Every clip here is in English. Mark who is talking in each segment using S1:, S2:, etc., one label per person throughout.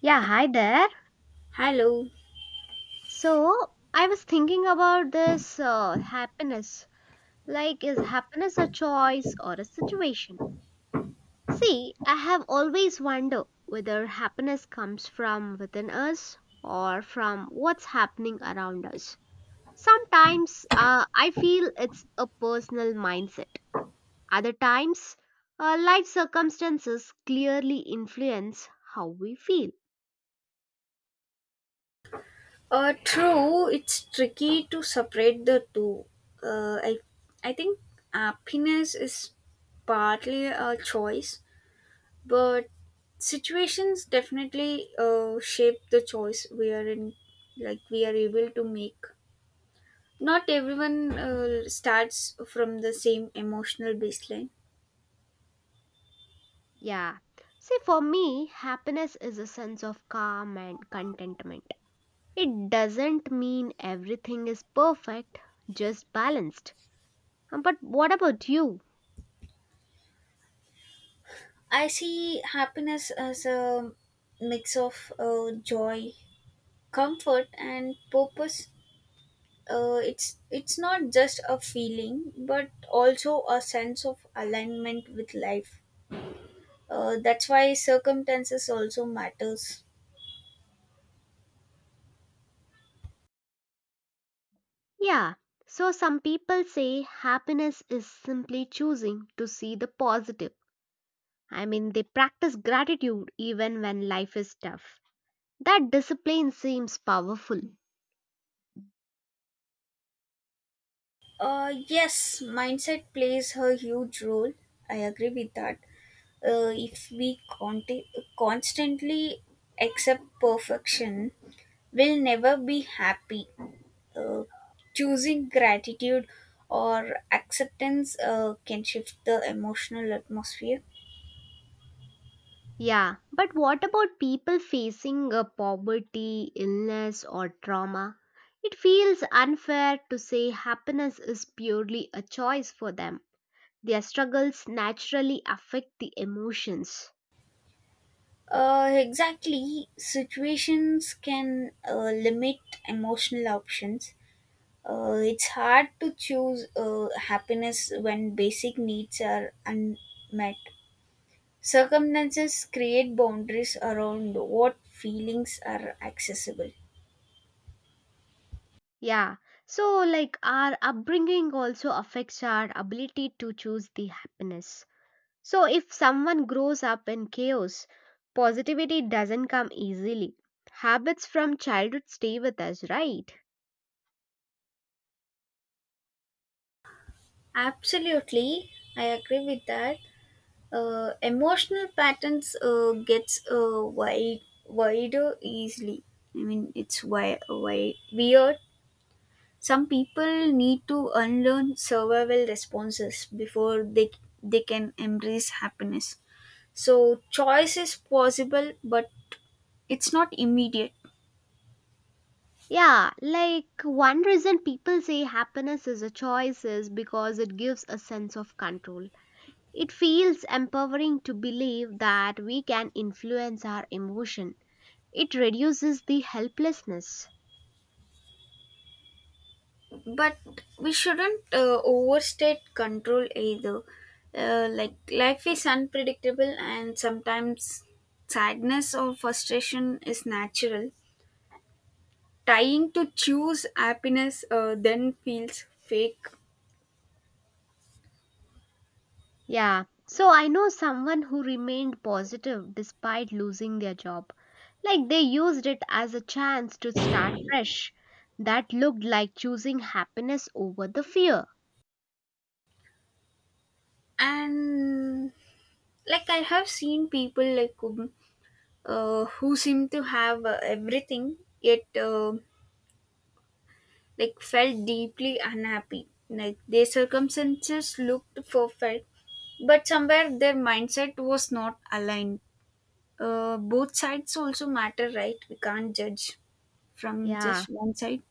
S1: Yeah, hi there.
S2: Hello.
S1: So, I was thinking about this happiness. Like, is happiness a choice or a situation? See, I have always wondered whether happiness comes from within us or from what's happening around us. Sometimes I feel it's a personal mindset. Other times, life circumstances clearly influence how we feel.
S2: True, it's tricky to separate the two. Uh, I, I think happiness is partly a choice, but situations definitely shape the choice we are in, like we are able to make. Not everyone starts from the same emotional baseline.
S1: Yeah. See, for me, happiness is a sense of calm and contentment. It doesn't mean everything is perfect, just balanced. But what about you?
S2: I see happiness as a mix of joy, comfort, and purpose. It's not just a feeling but also a sense of alignment with life. That's why circumstances also matters.
S1: Yeah. So, some people say happiness is simply choosing to see the positive. I mean, they practice gratitude even when life is tough. That discipline seems powerful.
S2: Yes, mindset plays a huge role. I agree with that. If we constantly accept perfection, we'll never be happy. uh, Choosing gratitude or acceptance can shift the emotional atmosphere.
S1: Yeah, but what about people facing poverty, illness, or trauma? It feels unfair to say happiness is purely a choice for them. Their struggles naturally affect the emotions.
S2: Exactly. Situations can limit emotional options. It's hard to choose happiness when basic needs are unmet. Circumstances create boundaries around what feelings are accessible.
S1: Yeah, so like our upbringing also affects our ability to choose the happiness. So if someone grows up in chaos, positivity doesn't come easily. Habits from childhood stay with us, right?
S2: Absolutely, I agree with that. Emotional patterns gets wider easily. I mean, it's weird. Some people need to unlearn survival responses before they can embrace happiness. So choice is possible, but it's not immediate.
S1: Yeah, like one reason people say happiness is a choice is because it gives a sense of control. It feels empowering to believe that we can influence our emotion. It reduces the helplessness.
S2: But we shouldn't overstate control either. Like life is unpredictable, and sometimes sadness or frustration is natural. Trying to choose happiness then feels fake.
S1: Yeah, so I know someone who remained positive despite losing their job. Like they used it as a chance to start fresh. That looked like choosing happiness over the fear.
S2: And like I have seen people like who seemed to have everything, yet like felt deeply unhappy, like their circumstances looked perfect but somewhere their mindset was not aligned. Both sides also matter, right? We can't judge from
S1: Yeah.
S2: just one side.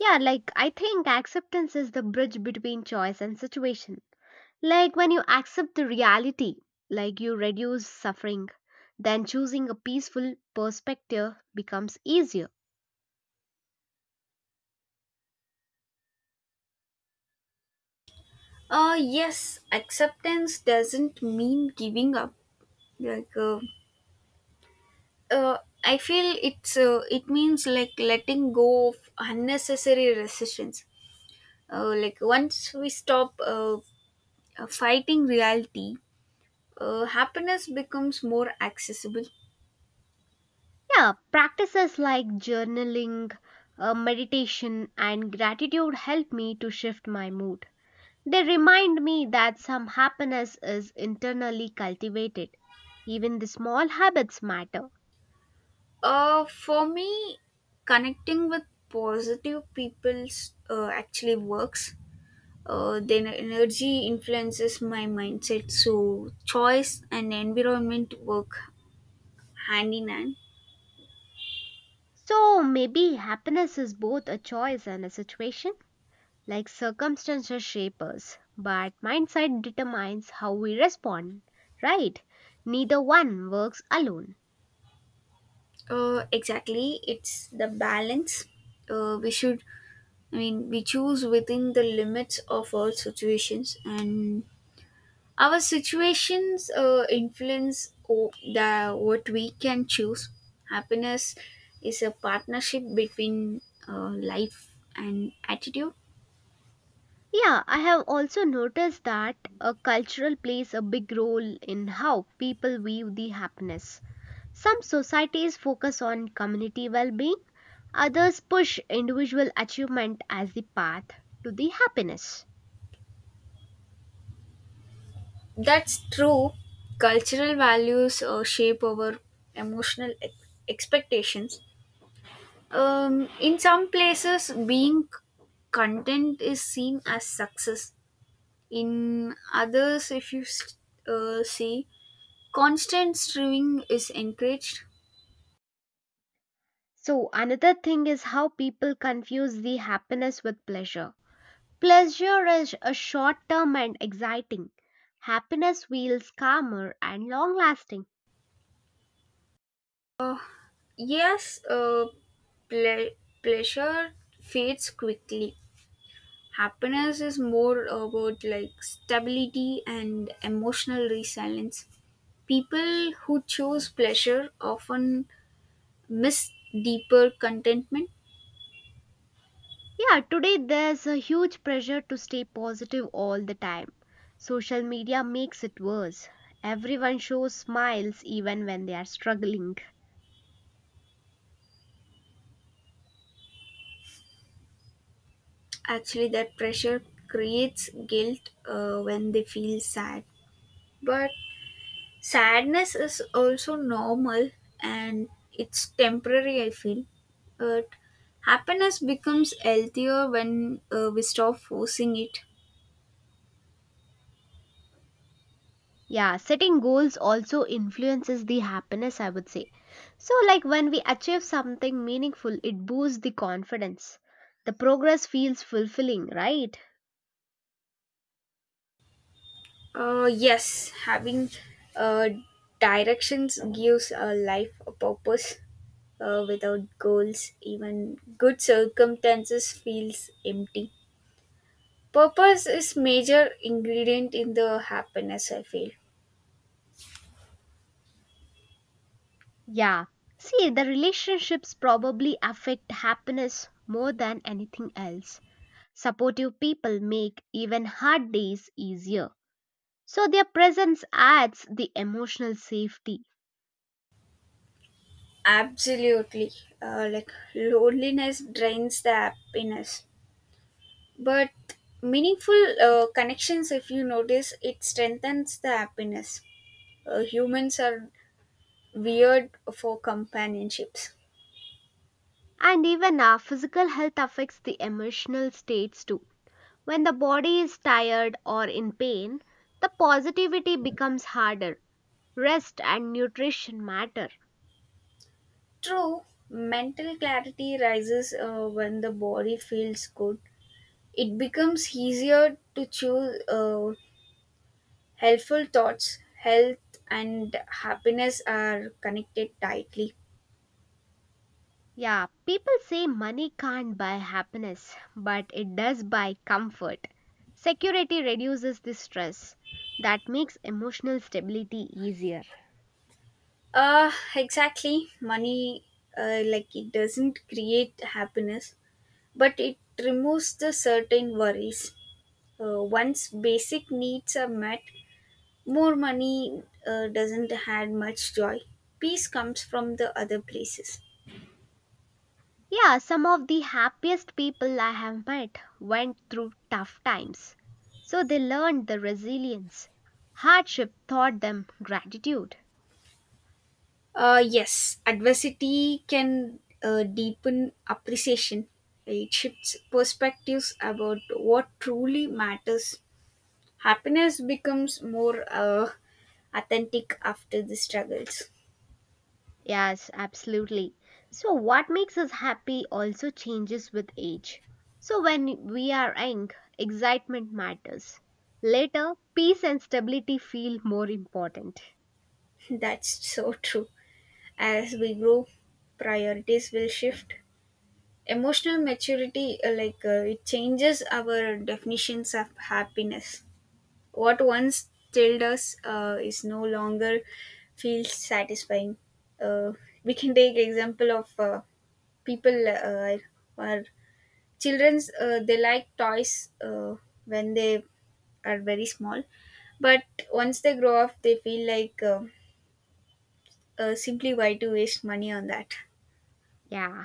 S1: Yeah, like I think acceptance is the bridge between choice and situation. Like when you accept the reality, like you reduce suffering, then choosing a peaceful perspective becomes easier.
S2: Yes, acceptance doesn't mean giving up. Like, uh, I feel it means like letting go of unnecessary resistance. Like once we stop fighting reality, happiness becomes more accessible.
S1: Yeah, practices like journaling, meditation, and gratitude help me to shift my mood. They remind me that some happiness is internally cultivated. Even the small habits matter.
S2: For me, connecting with positive people actually works. Then energy influences my mindset, so choice and environment work hand in hand.
S1: So maybe happiness is both a choice and a situation, like circumstances shape us, but mindset determines how we respond, right? Neither one works alone.
S2: Exactly, it's the balance. We should I mean we choose within the limits of our situations, and our situations influence the what we can choose. Happiness is a partnership between life and attitude.
S1: Yeah, I have also noticed that a cultural plays a big role in how people view the happiness. Some societies focus on community well-being, others push individual achievement as the path to the happiness.
S2: That's true. Cultural values shape our emotional expectations. In some places, being content is seen as success. In others, if you s- see, constant striving is encouraged.
S1: So, another thing is how people confuse the happiness with pleasure. Pleasure is a short term and exciting. Happiness feels calmer and long lasting.
S2: Yes, ple- pleasure fades quickly. Happiness is more about like stability and emotional resilience. People who choose pleasure often miss deeper contentment.
S1: Yeah, today there's a huge pressure to stay positive all the time. Social media makes it worse. Everyone shows smiles even when they are struggling.
S2: Actually, that pressure creates guilt when they feel sad. But sadness is also normal and it's temporary, I feel. But happiness becomes healthier when we stop forcing it.
S1: Yeah, setting goals also influences the happiness, I would say. So, like when we achieve something meaningful, it boosts the confidence. The progress feels fulfilling, right?
S2: Yes, having uh, directions gives our life a purpose. Without goals, even good circumstances feels empty. Purpose is major ingredient in the happiness. I feel.
S1: Yeah. See, the relationships probably affect happiness more than anything else. Supportive people make even hard days easier. So, their presence adds the emotional safety.
S2: Absolutely. Like loneliness drains the happiness. But meaningful connections, if you notice, it strengthens the happiness. Humans are weird for companionships.
S1: And even our physical health affects the emotional states too. When the body is tired or in pain, the positivity becomes harder. Rest and nutrition matter.
S2: True, mental clarity rises when the body feels good. It becomes easier to choose helpful thoughts. Health and happiness are connected tightly.
S1: Yeah, people say money can't buy happiness, but it does buy comfort. Security reduces the stress. That makes emotional stability easier.
S2: Exactly. Money, like it doesn't create happiness, but it removes the certain worries. Once basic needs are met, more money doesn't add much joy. Peace comes from the other places.
S1: Yeah, some of the happiest people I have met went through tough times. So they learned the resilience. Hardship taught them gratitude.
S2: Yes, adversity can deepen appreciation. It shifts perspectives about what truly matters. Happiness becomes more authentic after the struggles.
S1: Yes, absolutely. So, what makes us happy also changes with age. So, when we are young, excitement matters. Later, peace and stability feel more important.
S2: That's so true. As we grow, priorities will shift. Emotional maturity, it changes our definitions of happiness. What once thrilled us is no longer feels satisfying. Uh, we can take example of people or children's they like toys when they are very small, but once they grow up they feel like simply why to waste money on that.
S1: Yeah,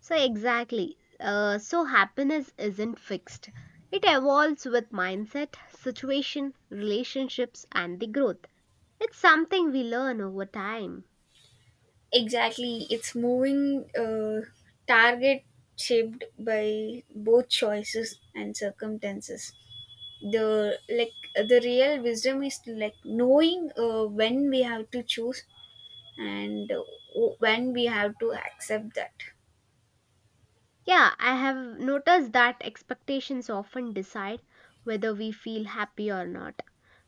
S1: so exactly. Uh, so, happiness isn't fixed, it evolves with mindset, situation, relationships, and the growth. It's something we learn over time.
S2: Exactly, it's moving target shaped by both choices and circumstances. the like the real wisdom is like knowing when we have to choose and when we have to accept that.
S1: Yeah, I have noticed that expectations often decide whether we feel happy or not.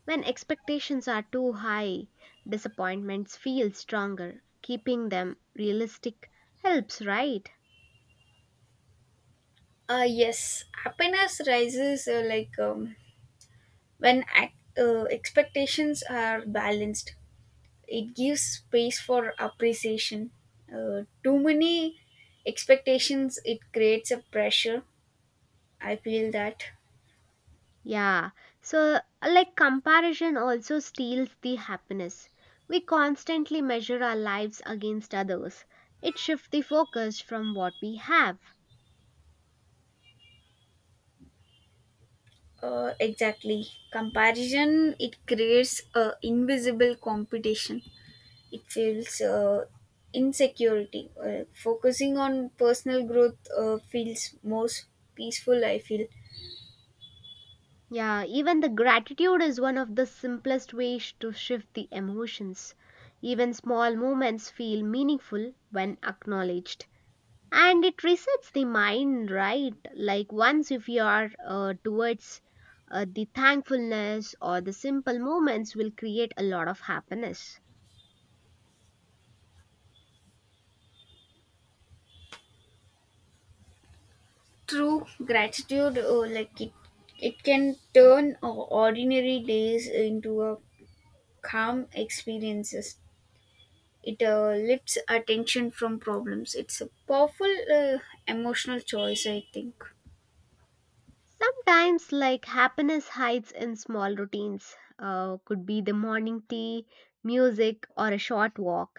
S1: When expectations are too high, disappointments feel stronger. Keeping them realistic helps, right?
S2: Yes, happiness rises when expectations are balanced. It gives space for appreciation. Too many expectations, it creates a pressure. I feel that.
S1: Yeah, so like comparison also steals the happiness. We constantly measure our lives against others. It shifts the focus from what we have.
S2: Exactly. Comparison, it creates a invisible competition. It feels insecurity. Focusing on personal growth feels most peaceful, I feel.
S1: Yeah, even the gratitude is one of the simplest ways to shift the emotions. Even small moments feel meaningful when acknowledged. And it resets the mind, right? Like once if you are towards the thankfulness or the simple moments will create a lot of happiness.
S2: True gratitude, it can turn ordinary days into a calm experiences. It lifts attention from problems. It's a powerful emotional choice, I think.
S1: Sometimes, like happiness hides in small routines, could be the morning tea, music, or a short walk.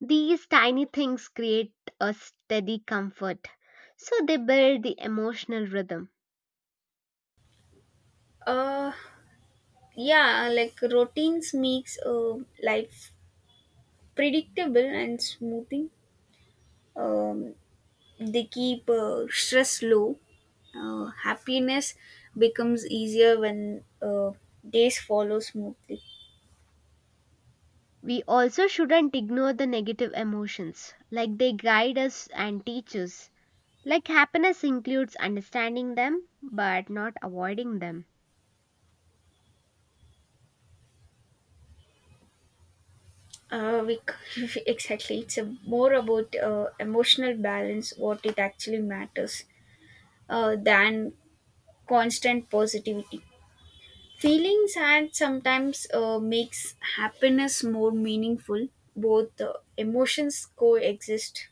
S1: These tiny things create a steady comfort, so they build the emotional rhythm.
S2: Uh, yeah, like routines makes life predictable and smoothing. Um, they keep stress low. Happiness becomes easier when days follow smoothly.
S1: We also shouldn't ignore the negative emotions, like they guide us and teach us. Like happiness includes understanding them but not avoiding them.
S2: Uh, we, exactly. It's a, more about emotional balance, what it actually matters, than constant positivity. Feelings and sometimes makes happiness more meaningful. Both emotions coexist.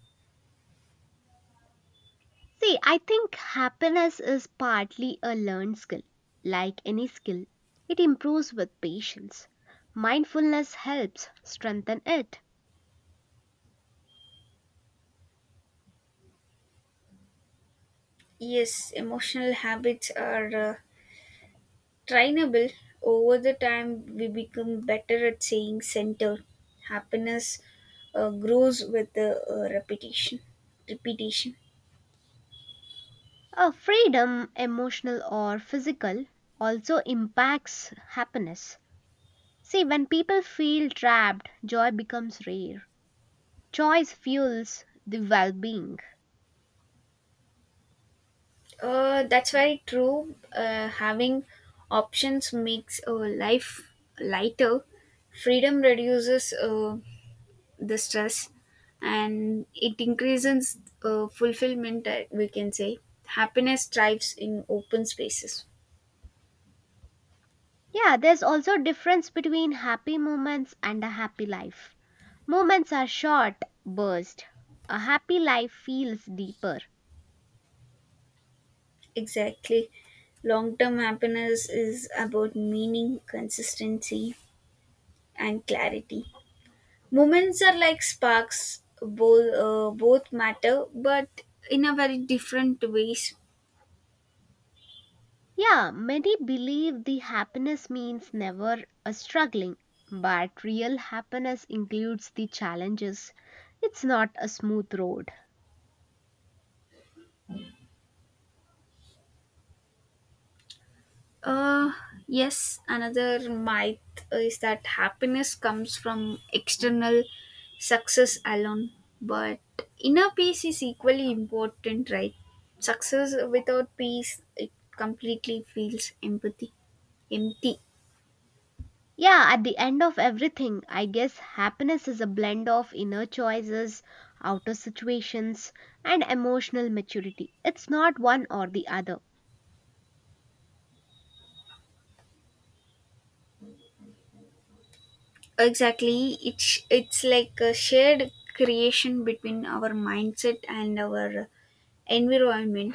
S1: See, I think happiness is partly a learned skill, like any skill. It improves with patience. Mindfulness helps strengthen it.
S2: Yes, emotional habits are trainable. Over the time, we become better at saying centered. Happiness grows with the repetition. Repetition.
S1: Freedom, emotional or physical, also impacts happiness. See, when people feel trapped, joy becomes rare. Choice fuels the well being.
S2: That's very true. Having options makes life lighter. Freedom reduces the stress and it increases fulfillment, we can say. Happiness thrives in open spaces.
S1: Yeah, there's also a difference between happy moments and a happy life. Moments are short, burst. A happy life feels deeper.
S2: Exactly. Long term happiness is about meaning, consistency, and clarity. Moments are like sparks, both matter, but in a very different ways.
S1: Yeah, many believe the happiness means never a struggling, but real happiness includes the challenges. It's not a smooth road.
S2: Uh, yes, another myth is that happiness comes from external success alone, but inner peace is equally important, right? Success without peace, it completely feels empty.
S1: Yeah, at the end of everything, I guess happiness is a blend of inner choices, outer situations, and emotional maturity. It's not one or the other.
S2: Exactly, it's like a shared creation between our mindset and our environment.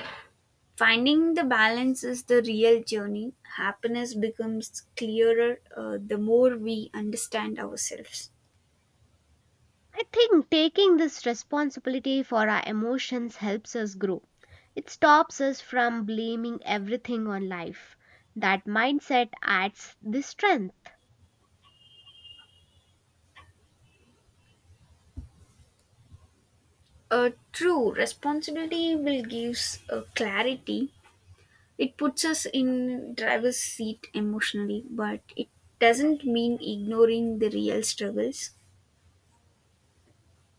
S2: Finding the balance is the real journey. Happiness becomes clearer the more we understand ourselves.
S1: I think taking this responsibility for our emotions helps us grow. It stops us from blaming everything on life. That mindset adds the strength.
S2: True, responsibility will gives clarity. It puts us in driver's seat emotionally, but it doesn't mean ignoring the real struggles.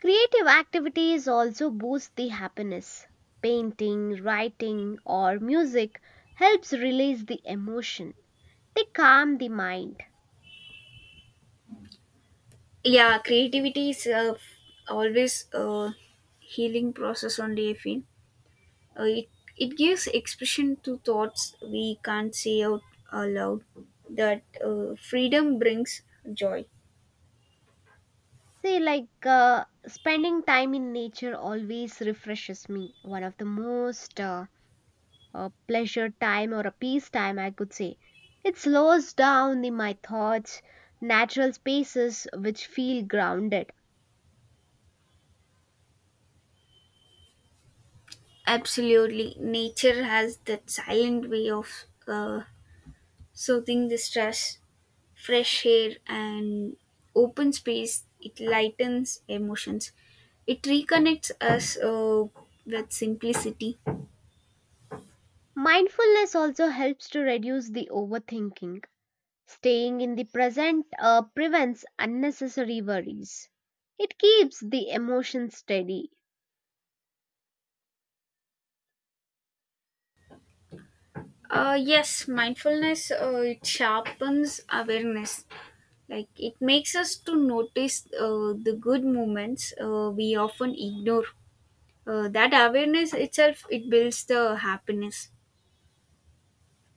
S1: Creative activities also boost the happiness. Painting, writing, or music helps release the emotion. They calm the mind.
S2: Yeah, creativity is always a healing process only. I feel. Uh, it, it gives expression to thoughts we can't say out aloud. That freedom brings joy.
S1: Say, like spending time in nature always refreshes me. One of the most a pleasure time or a peace time, I could say. It slows down the, my thoughts, natural spaces which feel grounded.
S2: Absolutely. Nature has that silent way of soothing the stress. Fresh air and open space, it lightens emotions. It reconnects us with simplicity.
S1: Mindfulness also helps to reduce the overthinking. Staying in the present prevents unnecessary worries. It keeps the emotions steady.
S2: Yes, mindfulness it sharpens awareness. Like it makes us to notice the good moments we often ignore. That awareness itself it builds the happiness.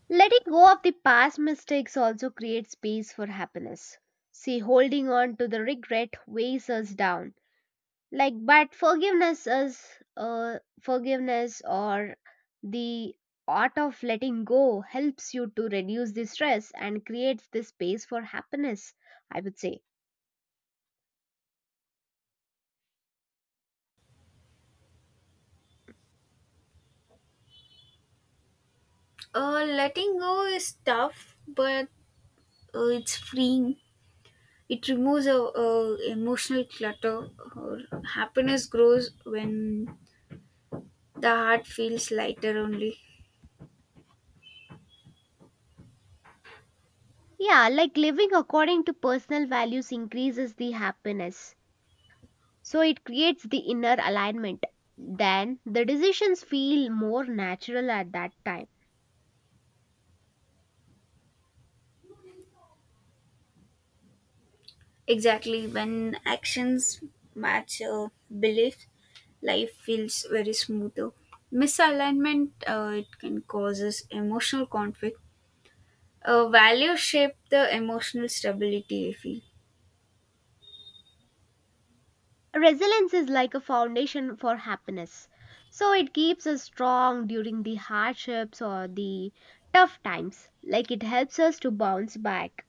S1: Letting go of the past mistakes also creates space for happiness. See, holding on to the regret weighs us down. Like but forgiveness or the art of letting go helps you to reduce the stress and creates the space for happiness, I would say.
S2: Letting go is tough, but it's freeing. It removes a emotional clutter. Happiness grows when the heart feels lighter only.
S1: Yeah, like living according to personal values increases the happiness, so it creates the inner alignment, then the decisions feel more natural at that time.
S2: Exactly, when actions match belief, life feels very smoother. Misalignment it can causes emotional conflict. Values shape the emotional stability. I feel.
S1: Resilience is like a foundation for happiness. So it keeps us strong during the hardships or the tough times. Like it helps us to bounce back.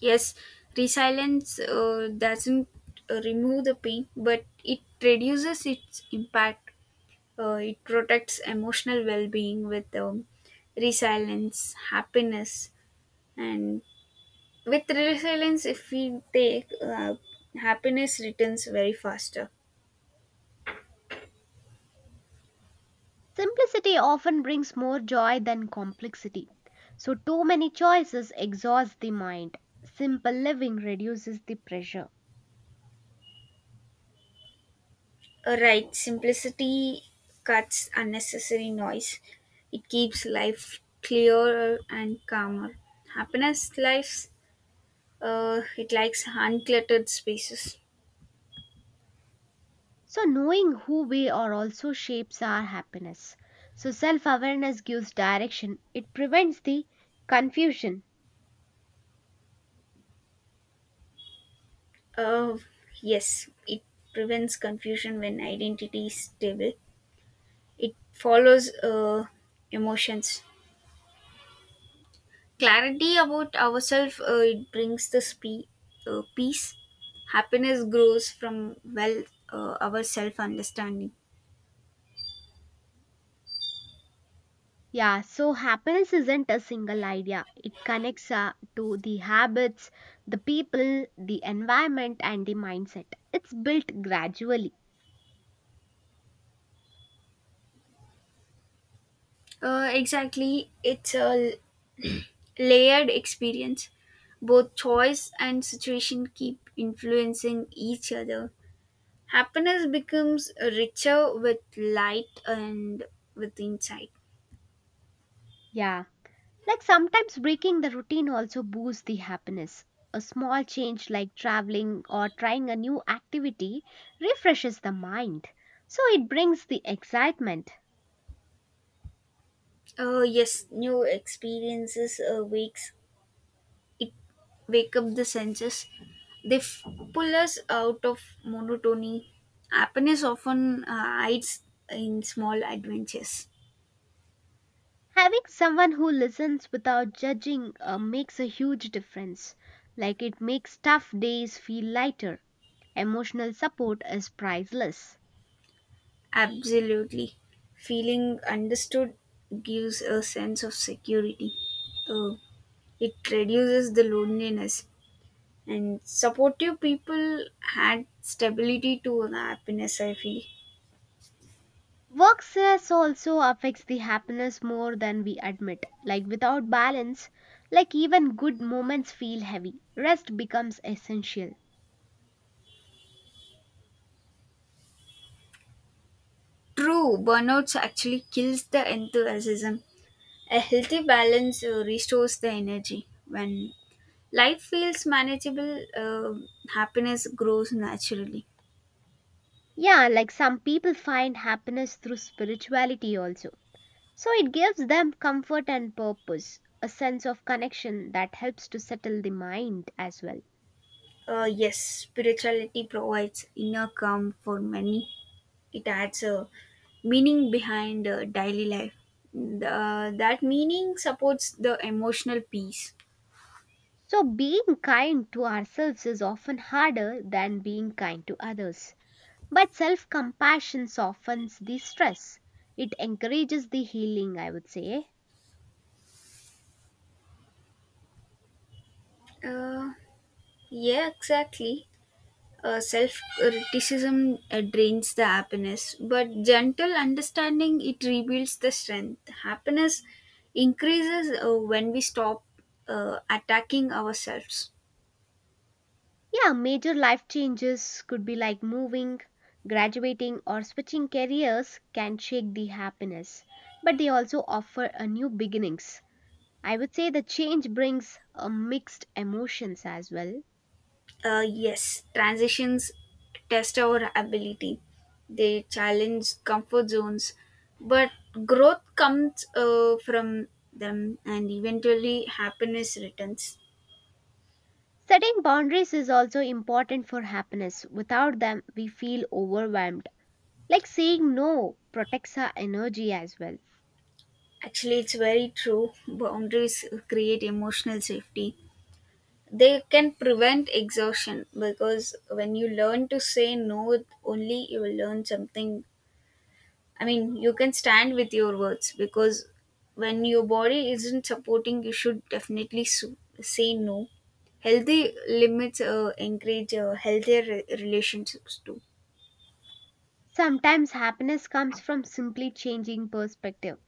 S2: Yes, resilience doesn't remove the pain, but it reduces its impact. It protects emotional well-being with resilience, happiness, and with resilience if we take happiness returns very faster.
S1: Simplicity often brings more joy than complexity. So too many choices exhaust the mind. Simple living reduces the pressure.
S2: Right, simplicity cuts unnecessary noise. It keeps life clearer and calmer. Happiness lives, it likes uncluttered spaces.
S1: So knowing who we are also shapes our happiness. So self awareness gives direction. It prevents the confusion.
S2: uh, yes, it prevents confusion when identity is stable. It follows emotions. Clarity about ourselves it brings peace. Happiness grows from well our self understanding.
S1: Yeah, so happiness isn't a single idea. It connects to the habits, the people, the environment, and the mindset. It's built gradually.
S2: Exactly, it's a layered experience. Both choice and situation keep influencing each other. Happiness becomes richer with light and with insight.
S1: Yeah, like sometimes breaking the routine also boosts the happiness. A small change like traveling or trying a new activity refreshes the mind. So it brings the excitement.
S2: Yes, new experiences awakes it, wake up the senses. They pull us out of monotony. Happiness often hides in small adventures.
S1: Having someone who listens without judging makes a huge difference. Like it makes tough days feel lighter. Emotional support is priceless.
S2: Absolutely. Feeling understood gives a sense of security. uh, it reduces the loneliness, and supportive people add stability to happiness, I feel.
S1: Work stress also affects the happiness more than we admit. Like without balance, like even good moments feel heavy. Rest becomes essential.
S2: True, burnout actually kills the enthusiasm. A healthy balance restores the energy. When life feels manageable, happiness grows naturally.
S1: Yeah, like some people find happiness through spirituality also. So it gives them comfort and purpose, a sense of connection that helps to settle the mind as well.
S2: Yes, spirituality provides inner calm for many. It adds a meaning behind daily life. Mm, that meaning supports the emotional peace.
S1: So being kind to ourselves is often harder than being kind to others. But self compassion softens the stress. It encourages the healing, I would say.
S2: Uh, yeah, exactly. Self criticism drains the happiness, but gentle understanding it rebuilds the strength. Happiness increases when we stop attacking ourselves.
S1: Yeah, major life changes could be like moving, graduating, or switching careers can shake the happiness, but they also offer a new beginnings. I would say the change brings a mixed emotions as well.
S2: Yes, transitions test our ability, they challenge comfort zones, but growth comes from them and eventually happiness returns.
S1: Setting boundaries is also important for happiness. Without them, we feel overwhelmed. Like saying no protects our energy as well.
S2: Actually, it's very true. Boundaries create emotional safety. They can prevent exhaustion because when you learn to say no only you will learn something. I mean you can stand with your words because when your body isn't supporting you should definitely say no. Healthy limits encourage healthier relationships too.
S1: Sometimes happiness comes from simply changing perspective.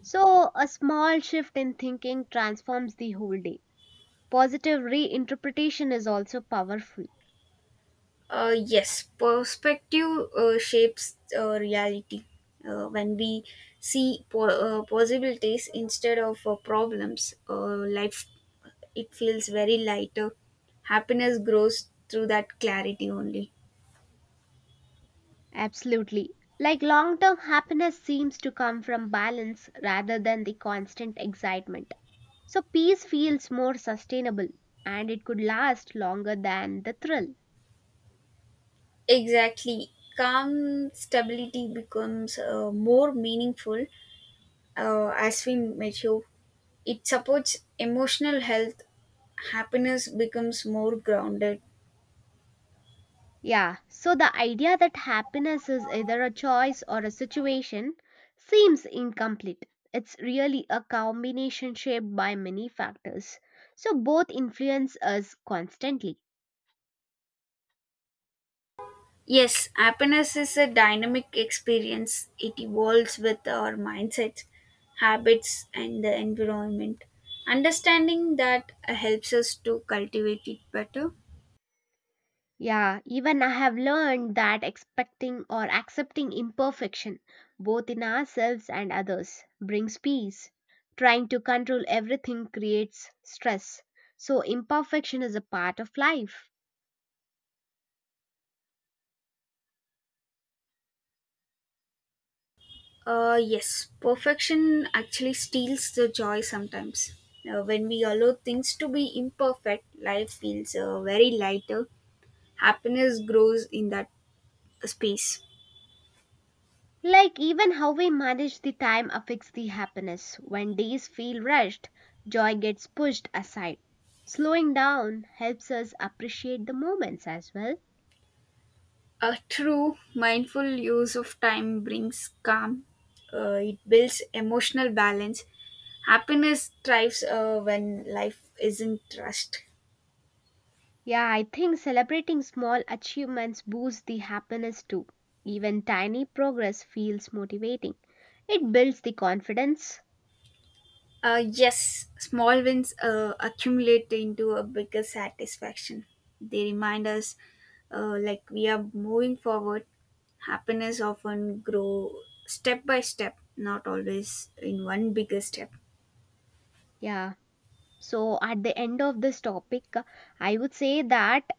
S1: So, a small shift in thinking transforms the whole day. Positive reinterpretation is also powerful.
S2: Yes, perspective shapes reality. When we see possibilities instead of problems, life it feels very lighter. Happiness grows through that clarity only.
S1: Absolutely. Like long term happiness seems to come from balance rather than the constant excitement. So, peace feels more sustainable and it could last longer than the thrill.
S2: Exactly, calm stability becomes more meaningful as we mature. It supports emotional health. Happiness becomes more grounded.
S1: Yeah, so the idea that happiness is either a choice or a situation seems incomplete. It's really a combination shaped by many factors. So both influence us constantly.
S2: Yes, happiness is a dynamic experience. It evolves with our mindsets, habits, and the environment. Understanding that helps us to cultivate it better.
S1: Yeah, even I have learned that expecting or accepting imperfection, both in ourselves and others, brings peace. Trying to control everything creates stress. So imperfection is a part of life.
S2: Yes, perfection actually steals the joy sometimes. When we allow things to be imperfect, life feels very lighter. Happiness grows in that space.
S1: Like even how we manage the time affects the happiness. When days feel rushed, joy gets pushed aside. Slowing down helps us appreciate the moments as well.
S2: A true mindful use of time brings calm. It builds emotional balance. Happiness thrives when life is in trust.
S1: Yeah, I think celebrating small achievements boosts the happiness too. Even tiny progress feels motivating. It builds the confidence.
S2: Yes, small wins accumulate into a bigger satisfaction. They remind us like we are moving forward. Happiness often grow step by step, not always in one bigger step.
S1: Yeah. So at the end of this topic, I would say that.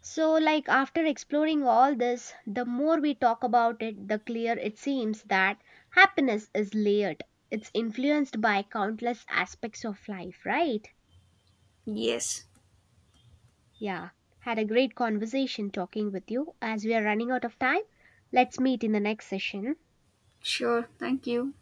S1: So, like after exploring all this, the more we talk about it, the clearer it seems that happiness is layered. It's influenced by countless aspects of life, right?
S2: Yes,
S1: Yeah. Had a great conversation talking with you. As we are running out of time, let's meet in the next session.
S2: sure. Thank you.